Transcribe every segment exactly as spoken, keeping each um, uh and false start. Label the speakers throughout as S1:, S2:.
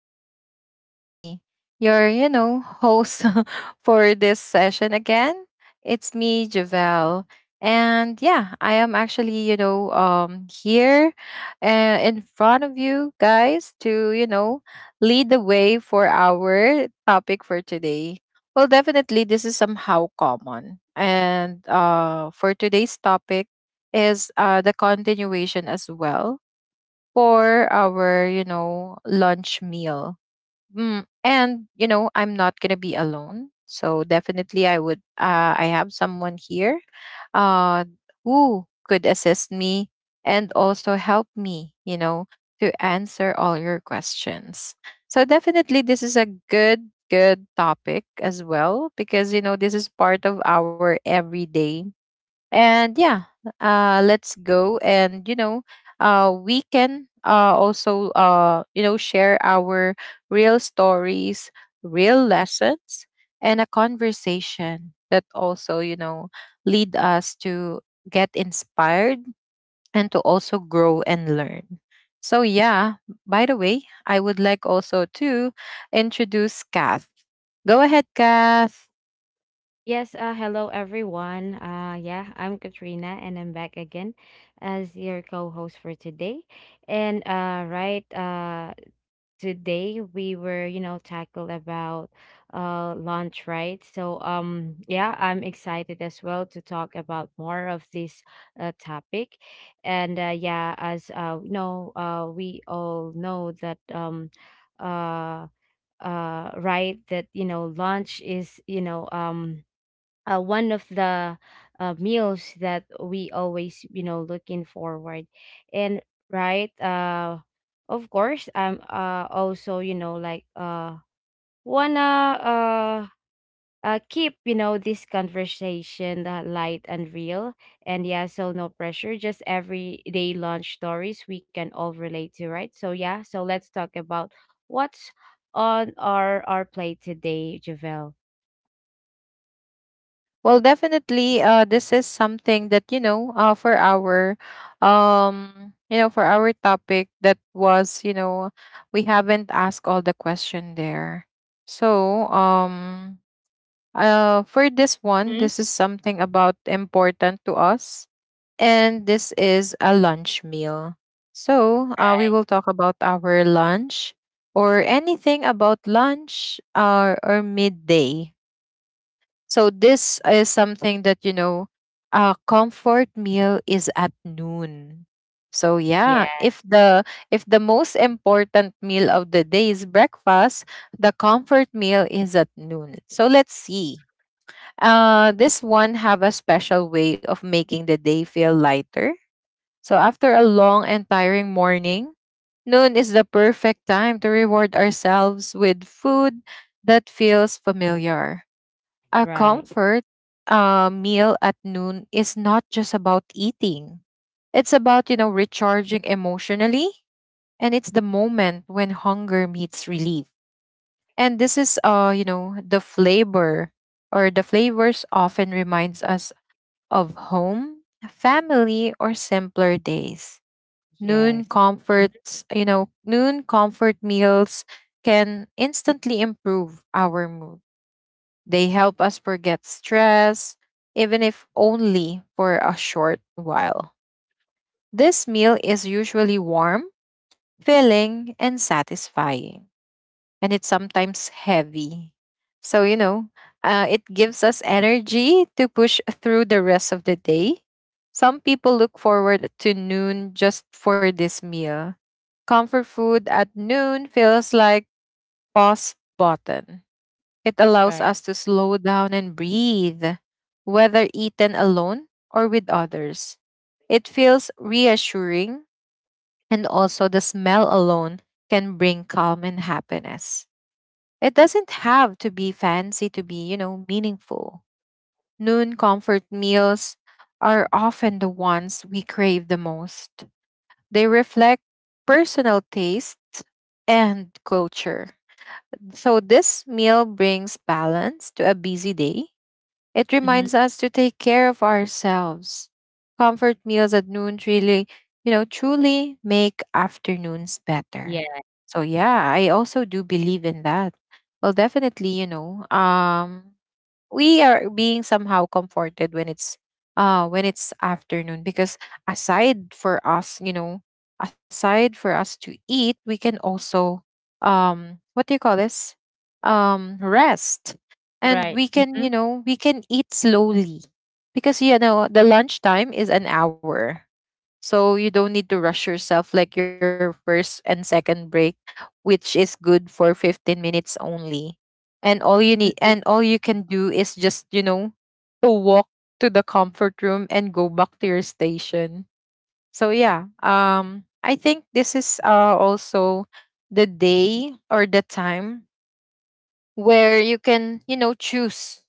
S1: And this is me, your, you know, host for this session again. It's me, Javelle. And yeah, I am actually, you know, um, here uh, in front of you guys to, you know, lead the way for our topic for today. Well, definitely, this is somehow common. And uh, for today's topic is uh, the continuation as well for our, you know, lunch meal. Mm, and, you know, I'm not going to be alone. So definitely I would, uh, I have someone here uh, who could assist me and also help me, you know, to answer all your questions. So definitely this is a good, good topic as well because, you know, this is part of our everyday, and yeah, uh let's go, and you know uh we can uh also uh you know share our real stories, real lessons, and a conversation that also you know lead us to get inspired and to also grow and learn. So yeah, by the way, I would like also to introduce Kath. Go ahead, Kath.
S2: Yes, uh, hello everyone. Uh, yeah, I'm Katrina and I'm back again as your co-host for today. And uh, right, uh, today we were, you know, tackled about uh lunch, right? So um, yeah, I'm excited as well to talk about more of this uh, topic. And uh, yeah, as uh, you know, uh, we all know that um, uh, uh, right, that you know, lunch is, you know, um uh, one of the uh, meals that we always you know looking forward. And right, uh of course I'm uh also, you know, like, uh wanna uh uh keep, you know, this conversation uh, light and real. And yeah, so no pressure, just everyday lunch stories we can all relate to, right? So yeah, so let's talk about what's on our our plate today, Javel.
S1: Well, definitely, uh, this is something that you know, uh, for our, um, you know, for our topic that was, you know, we haven't asked all the question there. So, um, uh, for this one,
S2: Mhm.
S1: this is something about important to us, and this is a lunch meal. So, uh, we
S2: Right.
S1: will talk about our lunch or anything about lunch, uh, or midday, so this is something that you know, a comfort meal is at noon. So
S2: Yeah.
S1: yeah, if the if the most important meal of the day is breakfast, the comfort meal is at noon. So let's see. Uh this one have a special way of making the day feel lighter. So after a long and tiring morning, noon is the perfect time to reward ourselves with food that feels familiar. A
S2: Right.
S1: comfort uh, meal at noon is not just about eating. It's about, you know, recharging emotionally. And it's the moment when hunger meets relief. And this is, uh, you know, the flavor, or the flavors often reminds us of home, family, or simpler days. Noon
S2: Yes. Mm,
S1: comforts, you know, noon comfort meals can instantly improve our mood. They help us forget stress, even if only for a short while. This meal is usually warm, filling, and satisfying, and it's sometimes heavy. So, you know, uh, it gives us energy to push through the rest of the day. Some people look forward to noon just for this meal. Comfort food at noon feels like pause button. It allows
S2: right.
S1: us to slow down and breathe, whether eaten alone or with others. It feels reassuring, and also the smell alone can bring calm and happiness. It doesn't have to be fancy to be, you know, meaningful. Noon comfort meals are often the ones we crave the most. They reflect personal taste and culture. So this meal brings balance to a busy day. It
S2: Mhm.
S1: reminds us to take care of ourselves. Comfort meals at noon really, you know, truly make afternoons better.
S2: Yeah.
S1: So yeah, I also do believe in that. Well, definitely, you know, um we are being somehow comforted when it's uh when it's afternoon, because aside for us you know aside for us to eat, we can also, um what do you call this, um rest. And
S2: Right.
S1: we can you
S2: Mhm.
S1: know we can eat slowly, because you know the lunchtime is an hour, so you don't need to rush yourself like your first and second break, which is good for fifteen minutes only. And all you need, and all you can do is just, you know, to walk to the comfort room and go back to your station. So yeah, um I think this is uh also the day or the time where you can, you know, choose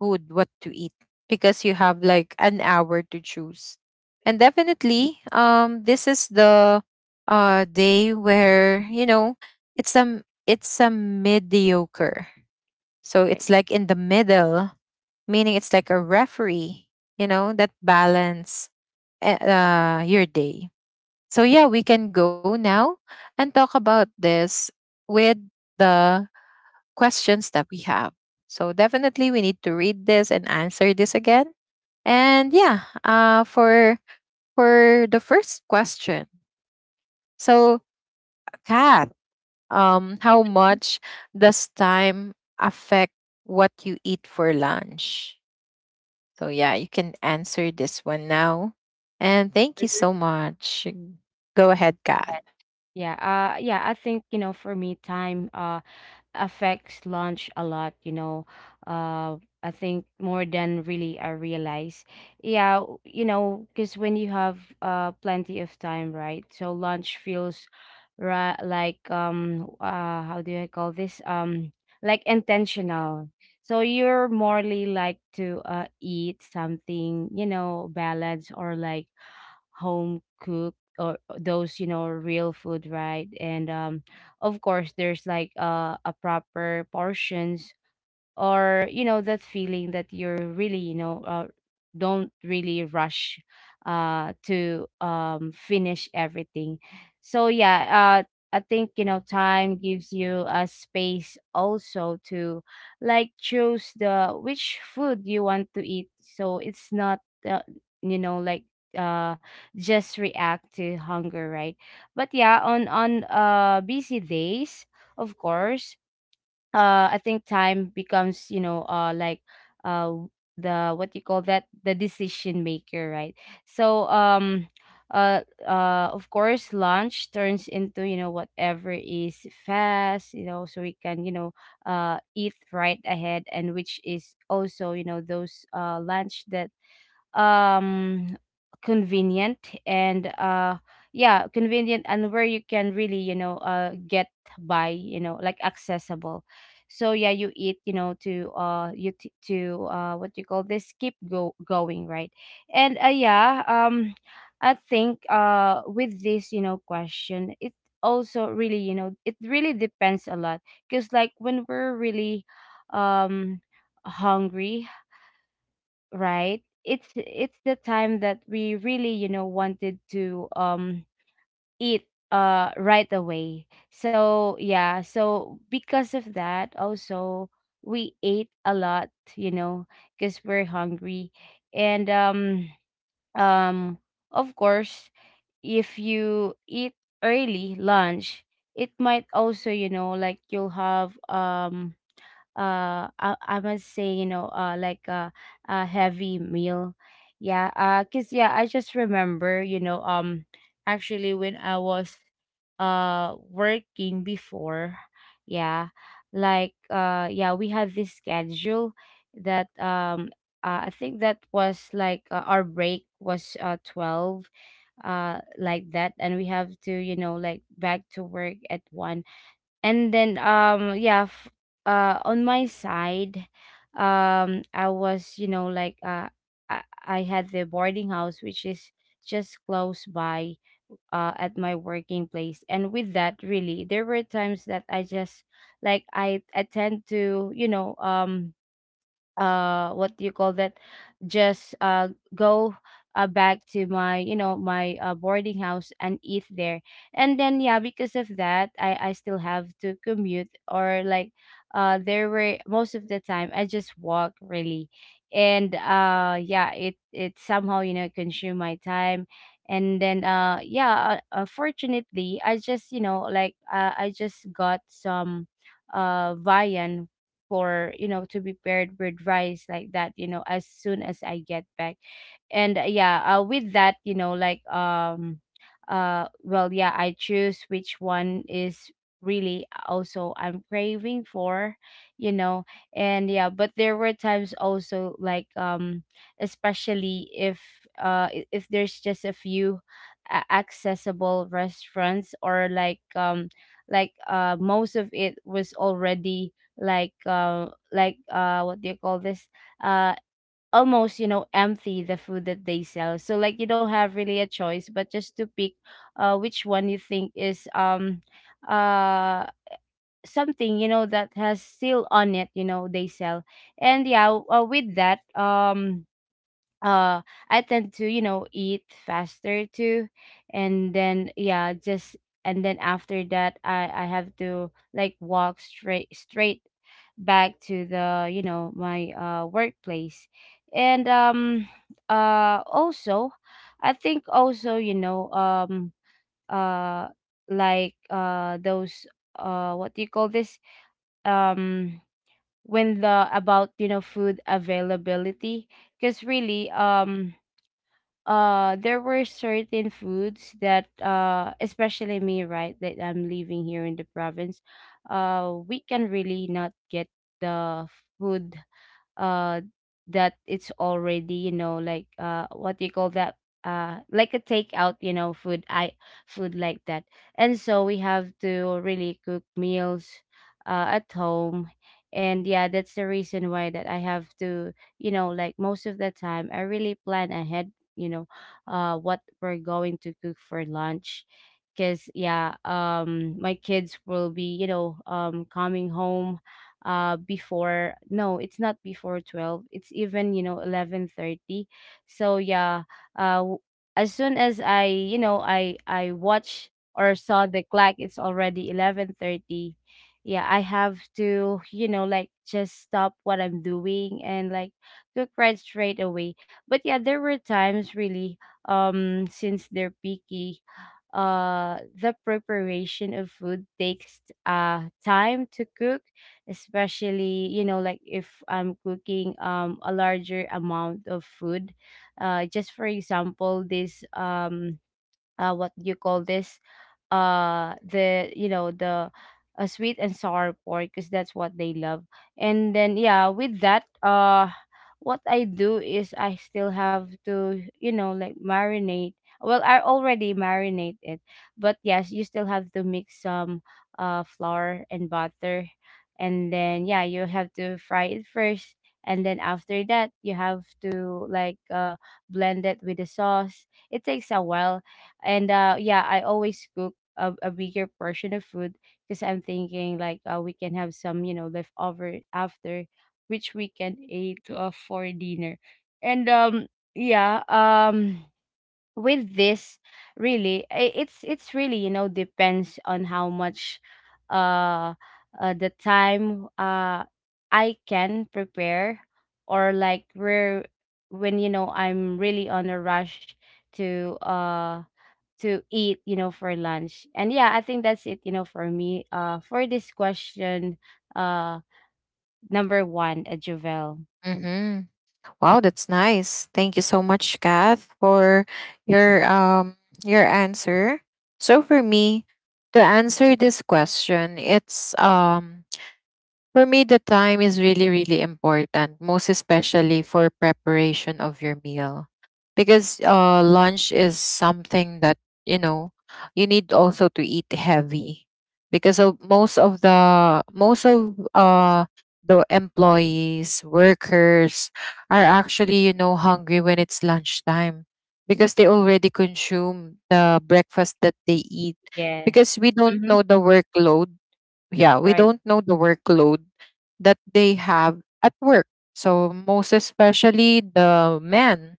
S1: food, what to eat, because you have like an hour to choose. And definitely, um, this is the uh day where you know it's a it's a mediocre. So
S2: Right.
S1: it's like in the middle, meaning it's like a referee, you know, that balance eh, uh your day. So yeah, we can go now and talk about this with the questions that we have. So definitely we need to read this and answer this again. And yeah, uh, for for the first question, so Kat, um, how much does time affect what you eat for lunch? So yeah, you can answer this one now. And thank you
S2: Mhm.
S1: so much. Go ahead, Kath.
S2: Yes. Yeah. Uh, yeah, I think, you know, for me, time uh, affects lunch a lot, you know. Uh, I think more than really I realize. Yeah, w- you know, because when you have uh plenty of time, right? So lunch feels, right, like, um uh how do I call this? Um like, intentional. So you're morely like to uh eat something, you know, balanced or like home cooked, or uh, those, you know, real food, right? And um of course there's like, uh, a proper portions, or you know that feeling that you're really, you know uh, don't really rush uh to um finish everything. So yeah, uh I think, you know, time gives you a space also to, like, choose the which food you want to eat, so it's not uh, you know like uh just react to hunger, right? But yeah, on on uh busy days, of course, uh I think time becomes, you know uh like uh the, what you call that, the decision maker, right? So um uh uh of course lunch turns into, you know, whatever is fast, you know so we can, you know uh eat right ahead, and which is also, you know, those uh lunch that um convenient, and uh yeah, convenient, and where you can really, you know uh get by, you know, like, accessible. So yeah, you eat, you know, to uh you t- to uh what you call this, keep go going, right? And uh yeah, um I think uh with this, you know, question it also really, you know it really depends a lot, because like, when we're really, um hungry, right? It's it's the time that we really, you know, wanted to um eat uh right away. So yeah, so because of that also we ate a lot, you know, because we're hungry. And um um of course, if you eat early lunch, it might also, you know, like, you'll have um uh I, I must say, you know, uh like, a, a heavy meal. Yeah, uh cause yeah, I just remember, you know, um actually when I was uh working before, yeah, like, uh yeah, we had this schedule that um uh, I think that was like, uh, our break was uh twelve, uh like that, and we have to, you know, like, back to work at one. And then um yeah, f- uh on my side, um I was, you know, like, uh i, I had the boarding house, which is just close by uh at my working place, and with that really there were times that I just, like, i i tend to, you know, um uh what do you call that, just uh go uh, back to my, you know, my uh, boarding house and eat there. And then yeah, because of that i i still have to commute, or like, uh there were most of the time I just walk, really. And uh yeah, it it somehow, you know, consume my time. And then uh yeah, uh, unfortunately I just, you know, like, uh, I just got some uh viand for, you know, to be paired with rice like that, you know, as soon as I get back. And uh, yeah, uh, with that, you know, like, um uh well, yeah, I choose which one is really also I'm craving for, you know. And yeah, but there were times also, like, um especially if uh i- if there's just a few a- accessible restaurants, or like um like, uh, most of it was already like uh, like uh what do you call this, uh almost, you know, empty the food that they sell, so like, you don't have really a choice but just to pick uh which one you think is um uh something, you know, that has still on it, you know, they sell. And yeah, uh, with that, um uh I tend to, you know, eat faster too. And then yeah, just, and then after that I I have to, like, walk straight straight back to the, you know, my uh workplace. And um uh also, I think also, you know, um uh like, uh those uh what do you call this? Um when the about, you know, food availability, because really, um uh there were certain foods that, uh especially me, right, that I'm living here in the province, uh we can really not get the food uh that it's already, you know, like, uh what do you call that, uh like a takeout, you know, food I food like that. And so we have to really cook meals uh at home. And yeah, that's the reason why that I have to, you know, like, most of the time I really plan ahead, you know, uh what we're going to cook for lunch, because yeah, um my kids will be, you know, um coming home uh before, no, it's not before twelve, it's even, you know, eleven thirty. So yeah, uh w- as soon as I, you know, i i watch or saw the clock, it's already eleven thirty, yeah, I have to, you know, like, just stop what I'm doing and, like, cook right straight away. But yeah, there were times really, um since they're picky, uh the preparation of food takes uh time to cook, especially, you know, like, if I'm cooking um a larger amount of food, uh just for example, this, um uh what do you call this, uh the you know the uh, sweet and sour pork, because that's what they love. And then yeah, with that, uh what I do is I still have to, you know, like, marinate, well, I already marinate it, but yes, you still have to mix some uh flour and butter, and then yeah, you have to fry it first, and then after that you have to, like, uh blend it with the sauce. It takes a while. And uh yeah, I always cook a, a bigger portion of food, because I'm thinking, like, uh, we can have some, you know, leftover, after which we can eat, uh, for dinner. And um yeah, um with this, really, i- it's it's really, you know, depends on how much, uh, uh the time uh I can prepare, or like, where when, you know, I'm really on a rush to uh to eat, you know, for lunch. And yeah, I think that's it, you know, for me, uh for this question uh number one, uh, Javel.
S1: Mm-hmm. Wow, that's nice. Thank you so much, Kath, for your um your answer. So for me, to answer this question, it's um For me, the time is really, really important, most especially for preparation of your meal. Because uh, lunch is something that, you know, you need also to eat heavy. Because of most of the most of uh the employees, workers are actually, you know, hungry when it's lunchtime, because they already consume the breakfast that they eat.
S2: Yes.
S1: Because we don't
S2: Mm-hmm.
S1: know the workload, yeah, we
S2: Right.
S1: don't know the workload that they have at work. So most especially the men.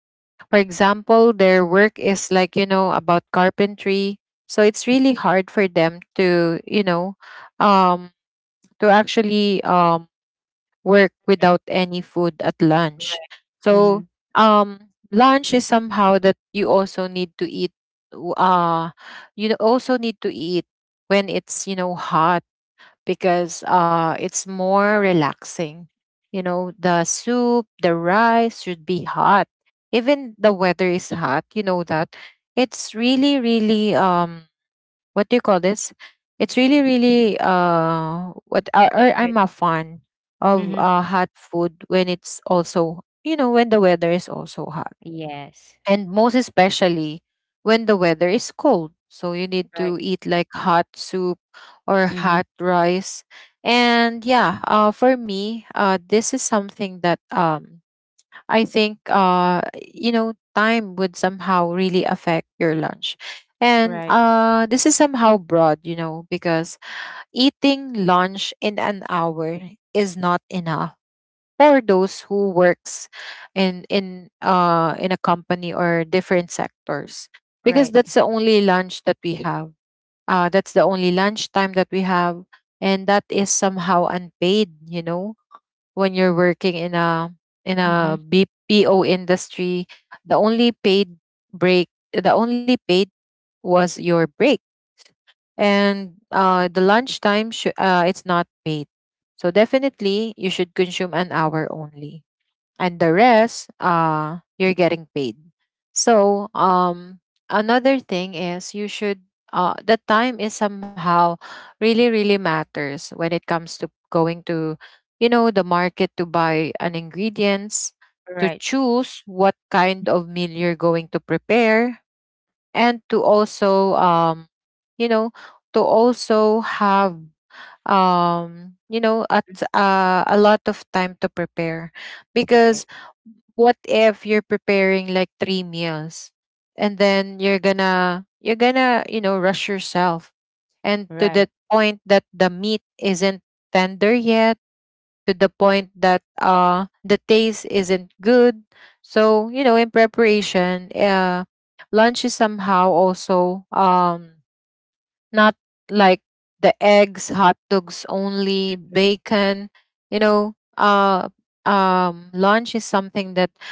S1: For example, their work is like, you know, about carpentry. So it's really hard for them to, you know, um to actually um work without any food at lunch.
S2: Right. Mm-hmm.
S1: So um lunch is somehow that you also need to eat, w- uh you also need to eat when it's, you know, hot, because uh, it's more relaxing. You know, the soup, the rice should be hot. Even the weather is hot, you know that. It's really, really, um, what do you call this? It's really, really, uh, what I, I-
S2: Right.
S1: I'm a fan of
S2: Mm-hmm.
S1: uh, hot food when it's also, you know, when the weather is also hot,
S2: Yes.
S1: and most especially when the weather is cold. So you need
S2: Right.
S1: to eat like hot soup or
S2: Mhm.
S1: hot rice. And yeah, uh, for me, uh, this is something that um, I think uh, you know time would somehow really affect your lunch. And
S2: Right.
S1: uh, this is somehow broad, you know, because eating lunch in an hour is not enough for those who works in in uh in a company or different sectors,
S2: Right.
S1: because that's the only lunch that we have, uh that's the only lunch time that we have, and that is somehow unpaid, you know when you're working in a in
S2: Mhm.
S1: a B P O industry. The only paid break the only paid was your break, and uh the lunch time sh- uh it's not paid. So definitely you should consume an hour only, and the rest, uh you're getting paid. So um another thing is, you should uh the time is somehow really, really matters when it comes to going to you know the market to buy an ingredients, to
S2: Right.
S1: choose what kind of meal you're going to prepare, and to also, um you know to also have um you know at uh, a lot of time to prepare,
S2: Right.
S1: because what if you're preparing like three meals, and then you're gonna you're gonna you know rush yourself, and to
S2: Right.
S1: the point that the meat isn't tender yet, to the point that uh the taste isn't good. So you know in preparation, uh lunch is somehow also um not like the eggs, hot dogs only,
S2: Mhm.
S1: bacon. You know, uh, um, Lunch is something that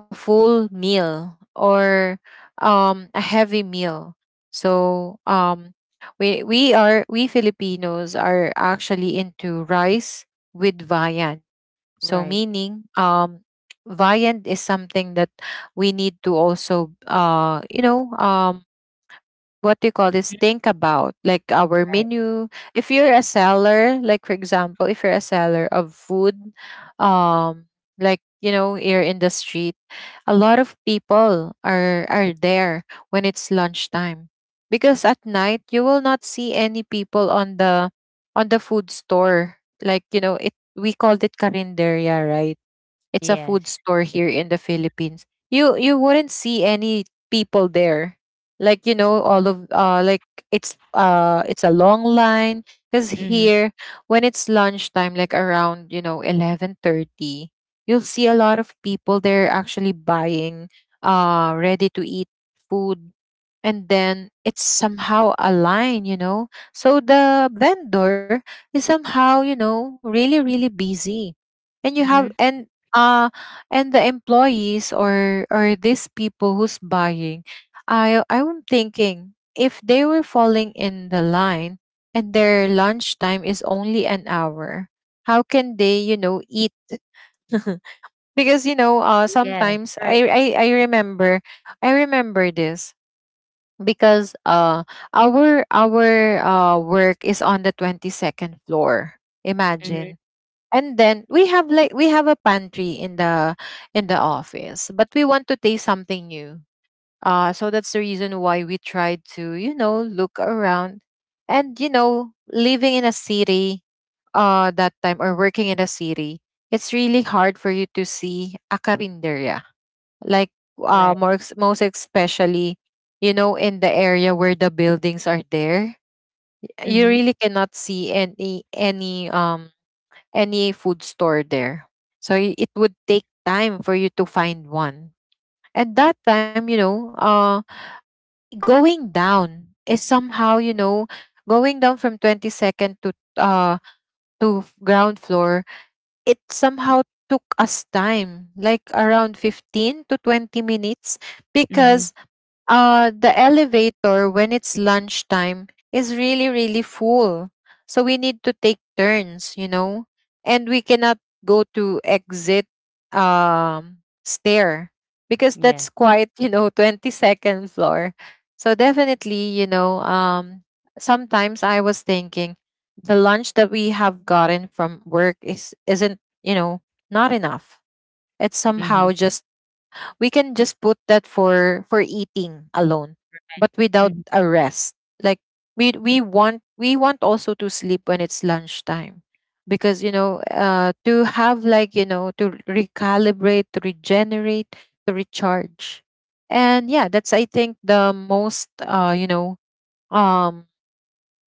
S1: a full meal, or um, a heavy meal. So um, we we are we Filipinos are actually into rice with viand. So
S2: Right.
S1: meaning um, viand is something that we need to also uh, you know um, what do you call this,
S2: Mhm.
S1: think about, like, our
S2: Right.
S1: menu if you're a seller like for example if you're a seller of food, um like you know you're in the street, a lot of people are are there when it's lunchtime, because at night you will not see any people on the on the food store, like, you know it we called it karinderia, right? It's a food
S2: Yes.
S1: store here in the Philippines. You you wouldn't see any people there. Like, you know, all of uh like it's uh it's a long line because
S2: Mhm.
S1: here when it's lunchtime, like around, you know, eleven thirty, you'll see a lot of people there actually buying uh ready to eat food. And then it's somehow a line, you know so the vendor is somehow, you know really really busy. And you have
S2: Mhm.
S1: and uh and the employees, or or these people who's buying, i i'm thinking if they were falling in the line, and their lunchtime is only an hour. How can they, you know eat? Because you know uh
S2: Yes.
S1: sometimes,
S2: Right.
S1: i i, I remember i remember this because uh our our uh work is on the twenty-second floor.
S2: Mhm.
S1: Imagine. And then we have, like, we have a pantry in the in the office, but we want to taste something new. Uh so that's the reason why we tried to, you know look around. And, you know living in a city, uh that time or working in a city, it's really hard for you to see a carinderia, like,
S2: Right.
S1: uh more ex- most especially, you know in the area where the buildings are there. You
S2: Mhm.
S1: really cannot see any any um any food store there. So, y- it would take time for you to find one. And that time, you know uh going down is somehow you know going down from twenty-second to, uh to f- ground floor, it somehow took us time, like around fifteen to twenty minutes,
S2: Mhm.
S1: because uh the elevator when it's lunchtime is really really full. So we need to take turns, you know and we cannot go to exit, um stair, because
S2: Yes.
S1: that's quite, you know twenty-second floor. So definitely, you know um sometimes I was thinking the lunch that we have gotten from work is isn't, you know not enough. It's
S2: Mhm.
S1: somehow just, we can just put that for for eating alone, but without
S2: Mhm.
S1: a rest. Like, we we want we want also to sleep when it's lunchtime, because you know uh to have, like, you know to recalibrate, to regenerate, to recharge. And yeah, that's, I think, the most, uh you know um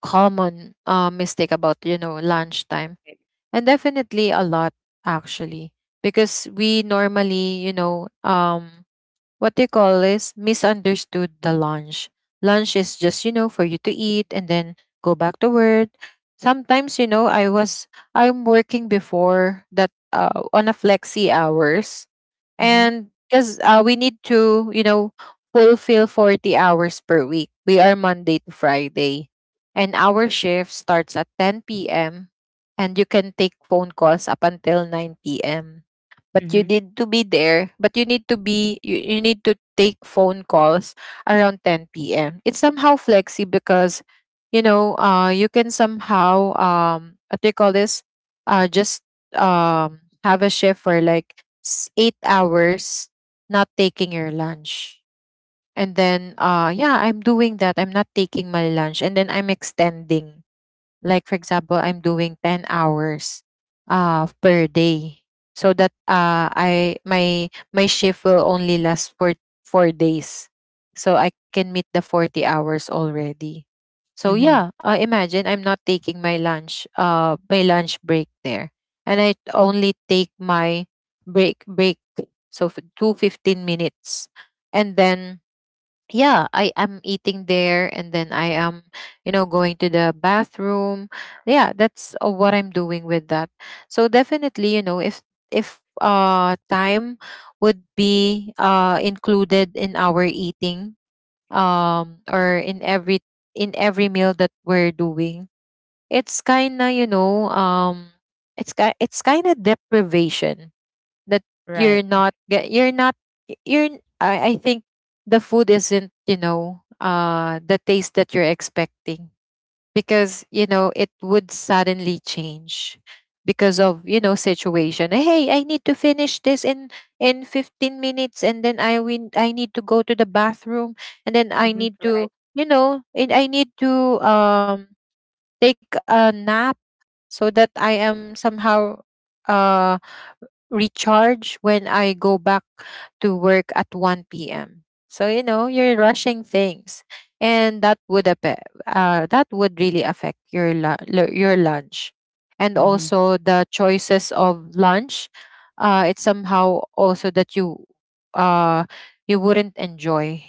S1: common, uh mistake about, you know lunchtime. And definitely a lot, actually, because we normally, you know um what they call, is misunderstood the lunch. Lunch is just, you know for you to eat and then go back to work. Sometimes, you know i was i'm working before that, uh, on a flexi hours.
S2: Mhm.
S1: And because, uh, we need to, you know fulfill forty hours per week. We are monday to friday, and our shift starts at ten p m p.m, and you can take phone calls up until nine p m p.m, but you
S2: Mhm.
S1: need to be there, but you need to be you, you need to take phone calls around ten p m p.m. It's somehow flexi, because you know uh you can somehow, um what do you call this, uh just, um have a shift for like, s- eight hours, not taking your lunch. And then, uh yeah, I'm doing that, I'm not taking my lunch, and then I'm extending, like, for example, I'm doing ten hours uh per day. So that, uh I my my shift will only last for four days, so I can meet the forty hours already. So
S2: Mhm.
S1: yeah, uh, imagine, I'm not taking my lunch uh my lunch break there. And I only take my break break, so, f- two fifteen minutes, and then yeah, I am eating there, and then I am, you know going to the bathroom. Yeah, that's, uh, what I'm doing with that. So definitely, you know if if uh time would be, uh included in our eating, um or in every in every meal that we're doing, it's kind of, you know um it's ki- it's kind of deprivation, that you're
S2: Right.
S1: not get you're not you're n- I I think the food isn't, you know uh the taste that you're expecting, because you know it would suddenly change because of, you know situation. Hey, I need to finish this in in fifteen minutes, and then i win I need to go to the bathroom, and then i
S2: Mhm.
S1: need
S2: Right.
S1: to you know and I need to, um take a nap, so that I am somehow, uh recharge when I go back to work at one p m. So, you know you're rushing things, and that would, appe- uh, that would really affect your, lu- lu- your lunch, and
S2: Mhm.
S1: also the choices of lunch. Uh, it's somehow also that you, uh you wouldn't enjoy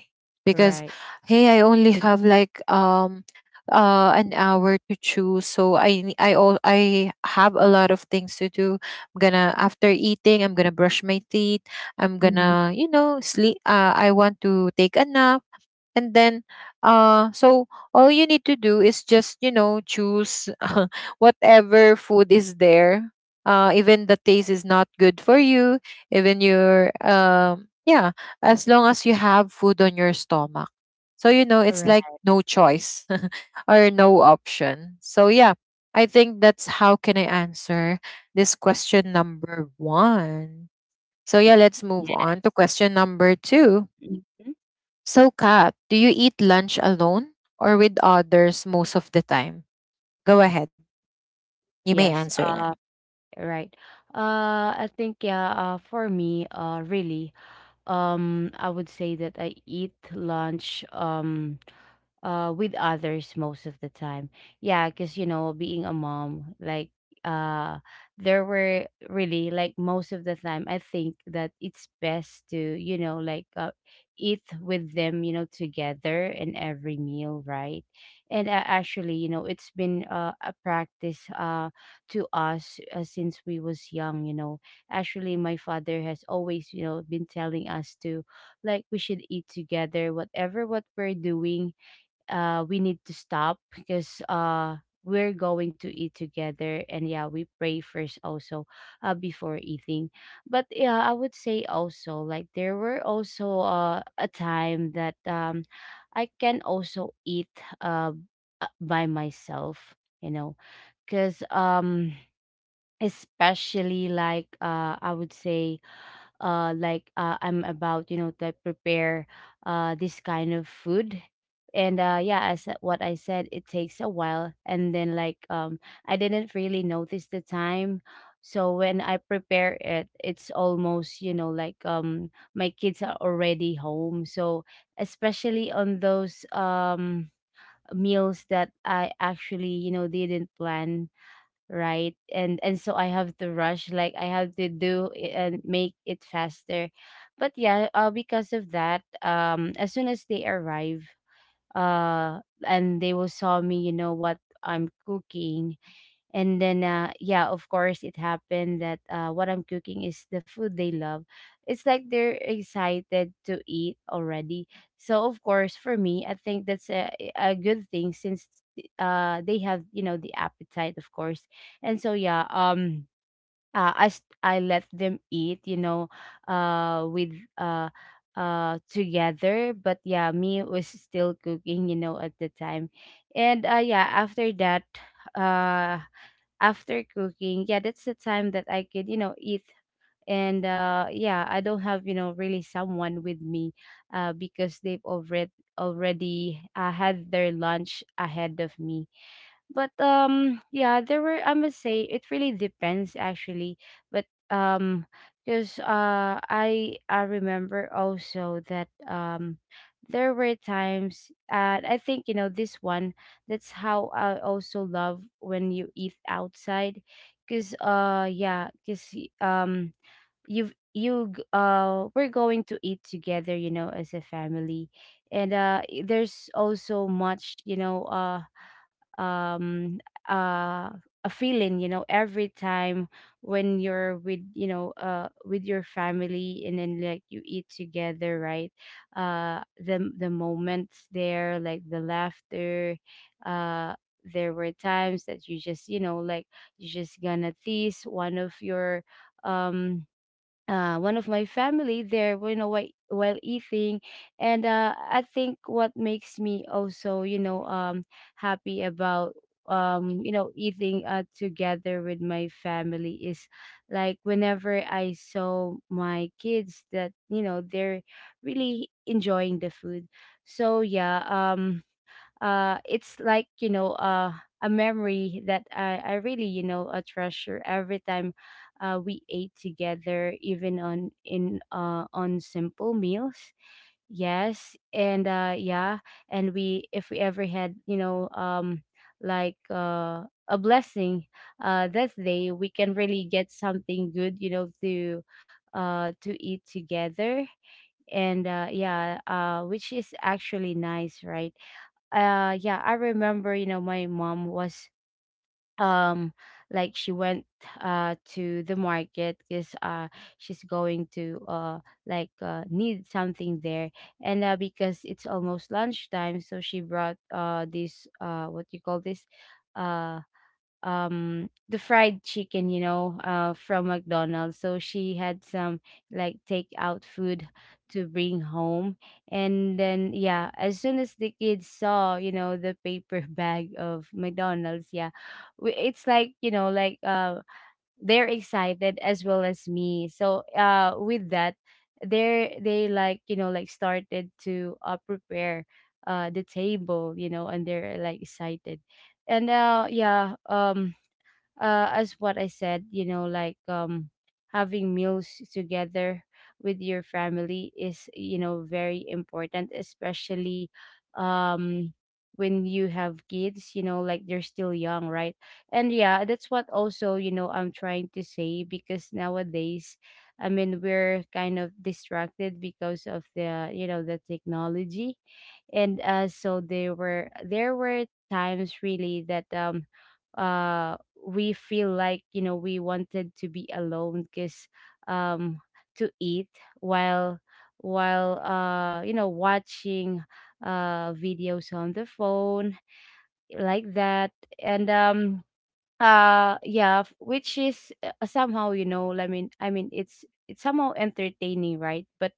S1: because
S2: Right.
S1: hey, I only have, like, um uh an hour to choose, so I ne- I al- I have a lot of things to do. I'm gonna After eating, I'm gonna brush my teeth. I'm
S2: Mhm.
S1: gonna, you know, sleep. Uh, I want to take a nap, and then, uh so all you need to do is just, you know choose whatever food is there, uh even the taste is not good for you, even your um yeah, as long as you have food on your stomach. So, you know it's
S2: Right.
S1: like no choice or no option. So yeah, I think that's how can I answer this question number one. So yeah, let's move
S2: Yeah.
S1: on to question number two.
S2: Mhm.
S1: So, Kat, do you eat lunch alone or with others most of the time? Go ahead. You may
S2: Yes.
S1: answer now.
S2: Uh. Right. Uh. I think, yeah. Uh. For me. Uh. Really. Um. I would say that I eat lunch. Um uh with others most of the time, yeah, because you know, being a mom, like uh there were really, like, most of the time I think that it's best to, you know, like uh, eat with them, you know, together in every meal, right? And uh, actually, you know, it's been uh, a practice uh to us uh, since we was young, you know. Actually, my father has always, you know, been telling us to, like, we should eat together, whatever what we're doing. Uh we need to stop because uh we're going to eat together, and yeah, we pray first also, uh before eating. But yeah, I would say also, like, there were also uh a time that um I can also eat, uh uh, by myself, you know, because um especially, like uh I would say uh like uh, I'm about, you know, to, like, prepare uh this kind of food. And uh yeah, as what I said, it takes a while, and then like um I didn't really notice the time. So when I prepare it, it's almost, you know, like, um my kids are already home. So especially on those um meals that I actually, you know, didn't plan, right? And and so I have to rush, like I have to do it and make it faster. But yeah, uh, because of that, um as soon as they arrive uh and they will saw me, you know what, I'm cooking. And then, uh, yeah, of course it happened that uh, what I'm cooking is the food they love. It's like they're excited to eat already. So of course, for me, I think that's a, a good thing since uh, they have, you know, the appetite, of course. And so, yeah, um, uh, I, s- I let them eat, you know, uh, with uh, uh, together. But yeah, me was still cooking, you know, at the time. And uh, yeah, after that, uh after cooking, yeah, that's the time that I could, you know, eat. And uh yeah, I don't have, you know, really someone with me uh because they've already already uh, had their lunch ahead of me. But um yeah, there were, I must say, it really depends actually. But um because uh i i remember also that um there were times, uh I think, you know, this one, that's how I also love when you eat outside. Because uh yeah, because um you've you g- uh we're going to eat together, you know, as a family. And uh, there's also much, you know, uh um uh a feeling, you know, every time when you're with, you know, uh with your family, and then like you eat together, right? Uh the the moments there, like the laughter. uh there were times that you just, you know, like, you just gonna tease one of your um uh, one of my family there, you know, while, while eating. And uh, I think what makes me also, you know, um happy about um you know, eating uh, together with my family is, like, whenever I saw my kids that, you know, they're really enjoying the food. So yeah, um uh it's like, you know, uh a memory that I, I really, you know, uh, treasure every time uh, we ate together, even on in uh, on simple meals. Yes, and uh, yeah, and we, if we ever had, you know, um like uh, a blessing, uh, that day we can really get something good, you know, to uh, to eat together. And uh, yeah, uh, which is actually nice, right? Uh yeah, I remember, you know, my mom was, um like, she went uh to the market because uh she's going to uh like uh need something there. And uh, because it's almost lunchtime, so she brought uh this, uh, what you call this, Uh, um the fried chicken, you know, uh from McDonald's. So she had some, like, takeout food to bring home. And then yeah, as soon as the kids saw, you know, the paper bag of McDonald's, yeah, we, it's like, you know, like uh they're excited as well as me. So uh with that, they're they like, you know, like, started to uh prepare uh the table, you know, and they're like excited. And uh yeah, um uh, as what I said, you know, like um, having meals together with your family is, you know, very important, especially um, when you have kids, you know, like they're still young, right? And yeah, that's what also, you know, I'm trying to say, because nowadays, I mean, we're kind of distracted because of the, you know, the technology. And uh, so there were, there were times really that, um, uh we feel like, you know, we wanted to be alone, because um to eat while while uh you know, watching uh videos on the phone, like that. And um, uh yeah, f- which is uh, uh, somehow, you know, i mean i mean it's it's somehow entertaining, right? But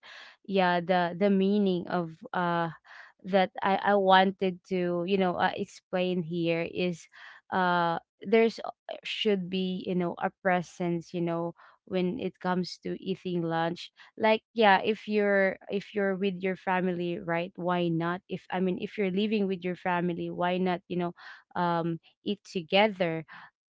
S2: yeah, the the meaning of uh that i i wanted to, you know, uh, explain here is, uh there's a- should be, you know, a presence, you know, when it comes to eating lunch. Like, yeah, if you're if you're with your family, right? Why not, if I mean, if you're living with your family, why not, you know, um eat together.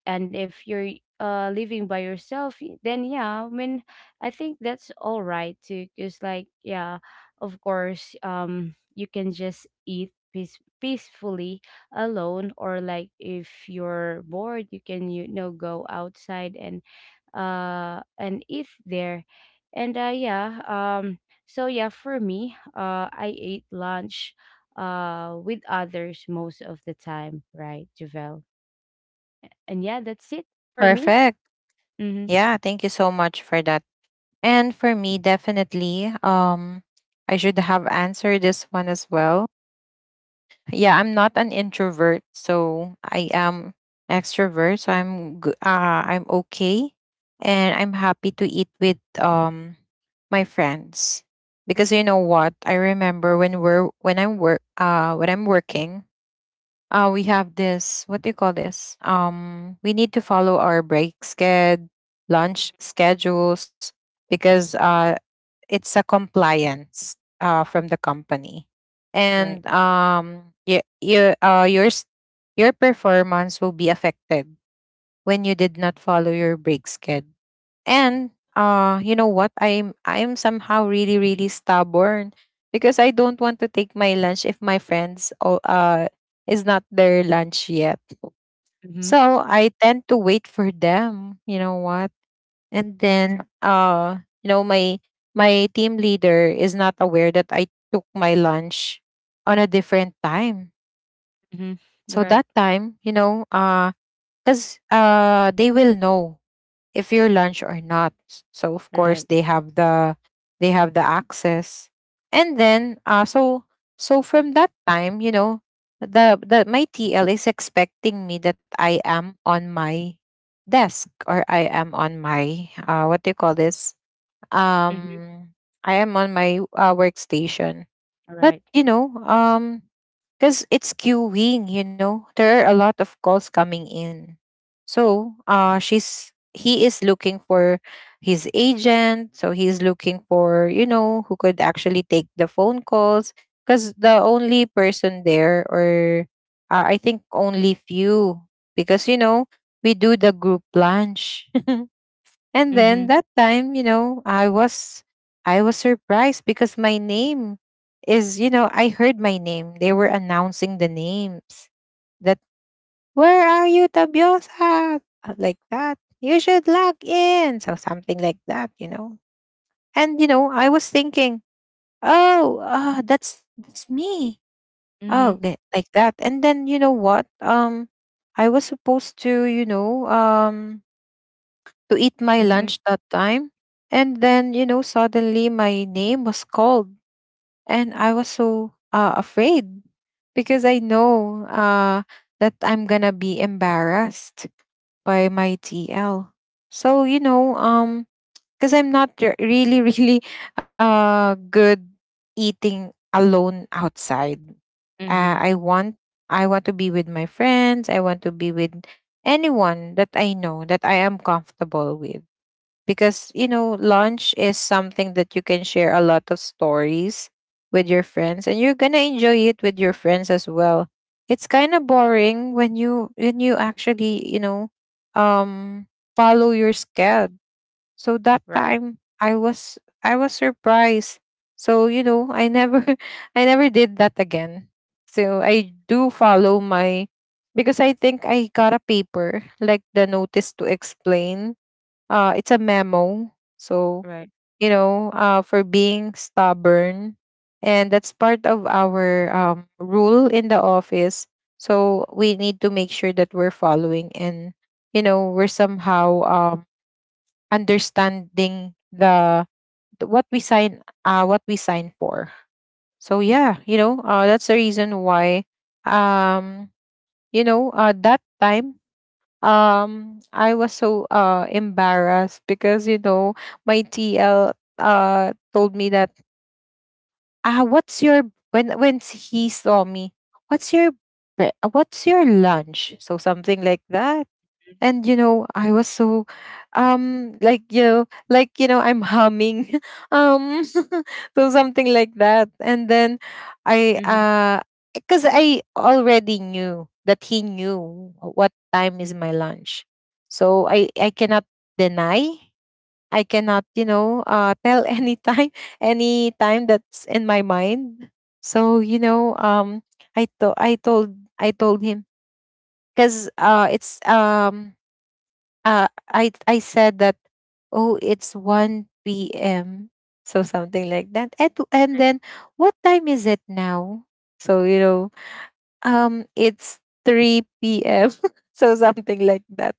S2: And if you're uh living by yourself, y- then yeah, I mean, I think that's all right too, because, like, yeah, of course um you can just eat peace peacefully alone, or like, if you're bored, you can, you know, go outside and uh and eat there. And uh yeah, um so yeah, for me, uh I ate lunch uh with others most of the time, right, Javel? And yeah, that's it for me.
S1: Perfect.
S2: Mhm.
S1: Yeah, thank you so much for that. And for me, definitely, um, I should have answered this one as well. Yeah, I'm not an introvert, so I am extrovert, so i'm g- uh, I'm okay, and I'm happy to eat with, um my friends. Because you know what, I remember when we're when I'm work uh when I'm working, uh we have this, what do you call this, um we need to follow our break sched lunch schedules, because uh it's a compliance, uh, from the company,
S2: Right.
S1: and um, you, you, uh, yours, your performance will be affected when you did not follow your break schedule. And, uh, you know what? I'm I'm somehow really really stubborn, because I don't want to take my lunch if my friends, o- uh is not their lunch yet.
S2: Mhm.
S1: So I tend to wait for them. You know what? And then, uh you know, my my team leader is not aware that I took my lunch on a different time.
S2: Mhm.
S1: So
S2: Right.
S1: that time, you know uh because uh they will know if your lunch or not. S- so of course,
S2: Right.
S1: they have the they have the access. And then, uh so, so from that time, you know the, the my tl is expecting me that I am on my desk, or I am on my, uh what do you call this,
S2: Mhm.
S1: um I am on my uh, workstation. But
S2: Right.
S1: you know, um cuz it's queuing, you know. There are a lot of calls coming in. So, uh she's he is looking for his agent, so he's looking for, you know, who could actually take the phone calls, cuz the only person there, or, uh, I think only few, because you know, we do the group lunch. And then
S2: Mhm.
S1: that time, you know, I was I was surprised because my name is, you know, I heard my name. They were announcing the names. That, where are you, Tabiosa? Uh, Like that. You should log in. So something like that, you know. And, you know, I was thinking, oh, uh, that's that's me. Oh,
S2: Mhm.
S1: okay, like that. And then you know what? Um, I was supposed to, you know, um, to eat my
S2: Mhm.
S1: lunch that time. And then, you know, suddenly my name was called, and I was so, uh, afraid because I know, uh, that I'm gonna be embarrassed by my T L. So, you know, um, because I'm not, re- really really, uh, good eating alone outside. Uh,
S2: Mhm.
S1: I want I want to be with my friends. I want to be with anyone that I know that I am comfortable with, because you know lunch is something that you can share a lot of stories with your friends, and you're gonna enjoy it with your friends as well. It's kind of boring when you when you actually, you know um follow your schedule. So that
S2: Right.
S1: time i was i was surprised, so you know I never I never did that again. So I do follow my, because I think I got a paper like the notice to explain. Uh it's a memo, so,
S2: Right.
S1: you know uh for being stubborn, and that's part of our, um rule in the office. So we need to make sure that we're following, and you know we're somehow, um understanding the the- what we sign uh what we sign for. So yeah, you know uh that's the reason why, um you know uh, that time, um I was so, uh embarrassed because you know my tl, uh told me that, ah, what's your, when when he saw me, what's your bre- what's your lunch, so something like that. And you know I was so, um like, you know like, you know I'm humming um so something like that, and then I
S2: Mhm.
S1: uh because I already knew that he knew what time is my lunch. So i i cannot deny. I cannot, you know uh tell any time, any time that's in my mind. So, you know um i to- i told i told him. Because uh it's um uh, I I said that, oh, it's one p m, so something like that. And and
S2: Right.
S1: then, what time is it now? So, you know um it's three p m So something like that.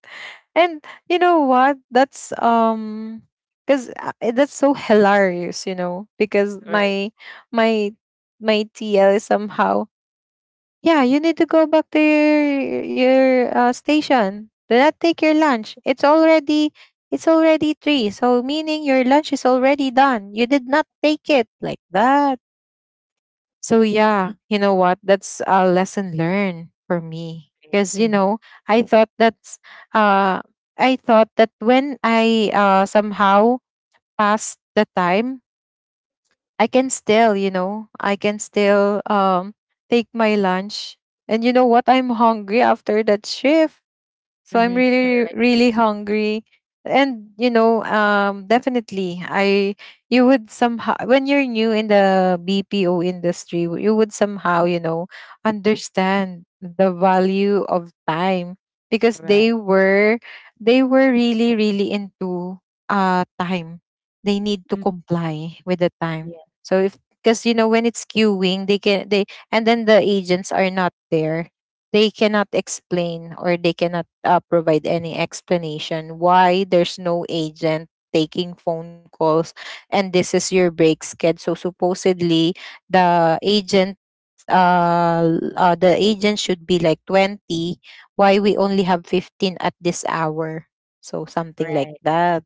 S1: And you know what, that's, um cuz that's so hilarious, you know because
S2: Right.
S1: my my my T L is somehow, yeah, you need to go back to your your, uh, station. Do not take your lunch. It's already it's already three, So meaning your lunch is already done. You did not take it like that. So yeah, you know what? That's a lesson learned for me. Because you
S2: Mhm.
S1: know, I thought that's uh I thought that when I uh somehow passed the time I can still, you know, I can still um take my lunch. And you know what? I'm hungry after that shift. So I'm
S2: Mhm.
S1: really,
S2: Right.
S1: really hungry. And you know, um, definitely, I you would somehow when you're new in the B P O industry, w- you would somehow you know understand the value of time because
S2: Right.
S1: they were they were really, really into uh time. They need to
S2: Mm.
S1: comply with the
S2: Yeah.
S1: time. So if because you know when it's queuing, they can they and then the agents are not there, they cannot explain or they cannot uh, provide any explanation why there's no agent taking phone calls and this is your break schedule. So supposedly the agent uh, l- uh the agent should be like twenty, why we only have fifteen at this hour, so something like
S2: Right.
S1: that,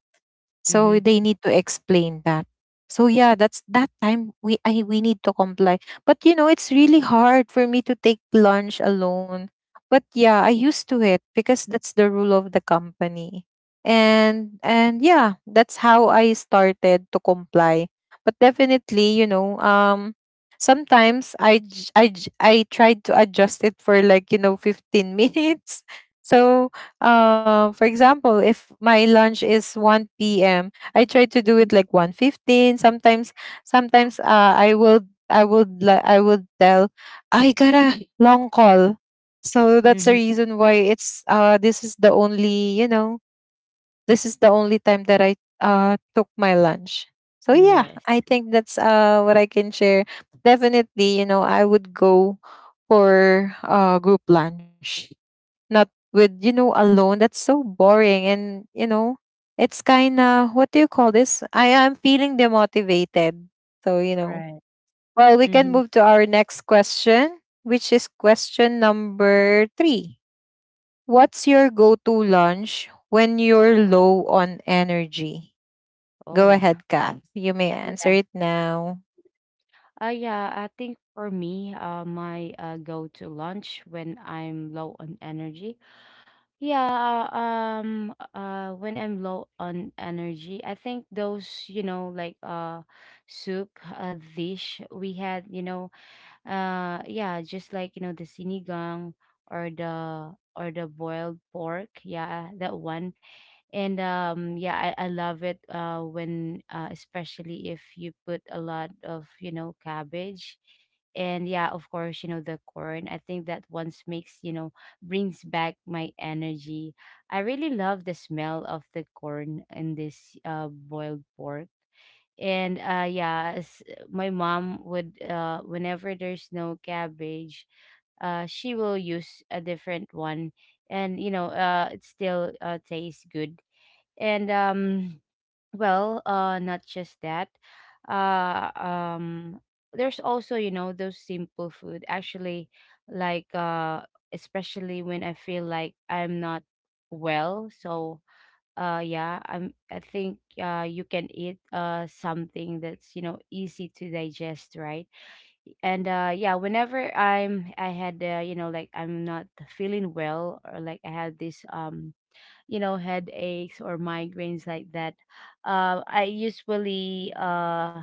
S1: so
S2: Mhm.
S1: they need to explain that. So yeah, that's that time we I we need to comply. But you know, it's really hard for me to take lunch alone. But yeah, I used to it because that's the rule of the company. And and yeah, that's how I started to comply. But definitely, you know, um sometimes I j- I j- I tried to adjust it for like, you know, fifteen minutes. So uh, for example, if my lunch is one p m, I try to do it
S2: Mhm.
S1: like one fifteen. Sometimes, sometimes uh, I will, I would, li- I would tell, I got a long call. So that's the
S2: Mhm.
S1: reason why it's, uh, this is the only, you know, this is the only time that I uh, took my lunch. So yeah,
S2: Yes.
S1: I think that's uh, what I can share. Definitely, you know, I would go for uh, group lunch, not with you know alone. That's so boring. And you know, it's kind of, what do you call this? I am feeling demotivated. So you know,
S2: Right.
S1: well, we can
S2: Mhm.
S1: move to our next question, which is question number three. What's your go-to lunch when you're low on energy? Go
S2: Oh.
S1: ahead, Kath, you may answer
S2: Yeah.
S1: it now.
S2: Uh, yeah, I think for me, uh, my uh, go-to lunch when I'm low on energy. Yeah, uh, um, uh, when I'm low on energy, I think those, you know, like uh, soup uh, dish we had, you know, uh, yeah, just like, you know, the sinigang, or the or the boiled pork, yeah, that one. And um yeah, i, I love it uh when uh, especially if you put a lot of, you know, cabbage. And yeah, of course, you know, the corn, I think that once makes, you know, brings back my energy. I really love the smell of the corn in this uh boiled pork. And uh yeah, s- my mom would, uh whenever there's no cabbage, uh she will use a different one. And you know, uh it still uh tastes good. And um well, uh not just that, uh um there's also, you know, those simple food actually, like uh especially when I feel like I'm not well. So uh yeah, i'm I think uh you can eat uh something that's, you know, easy to digest, right? And uh yeah, whenever i'm i had, uh, you know, like, I'm not feeling well, or like I had this um you know, headaches or migraines, like that, uh, i usually uh,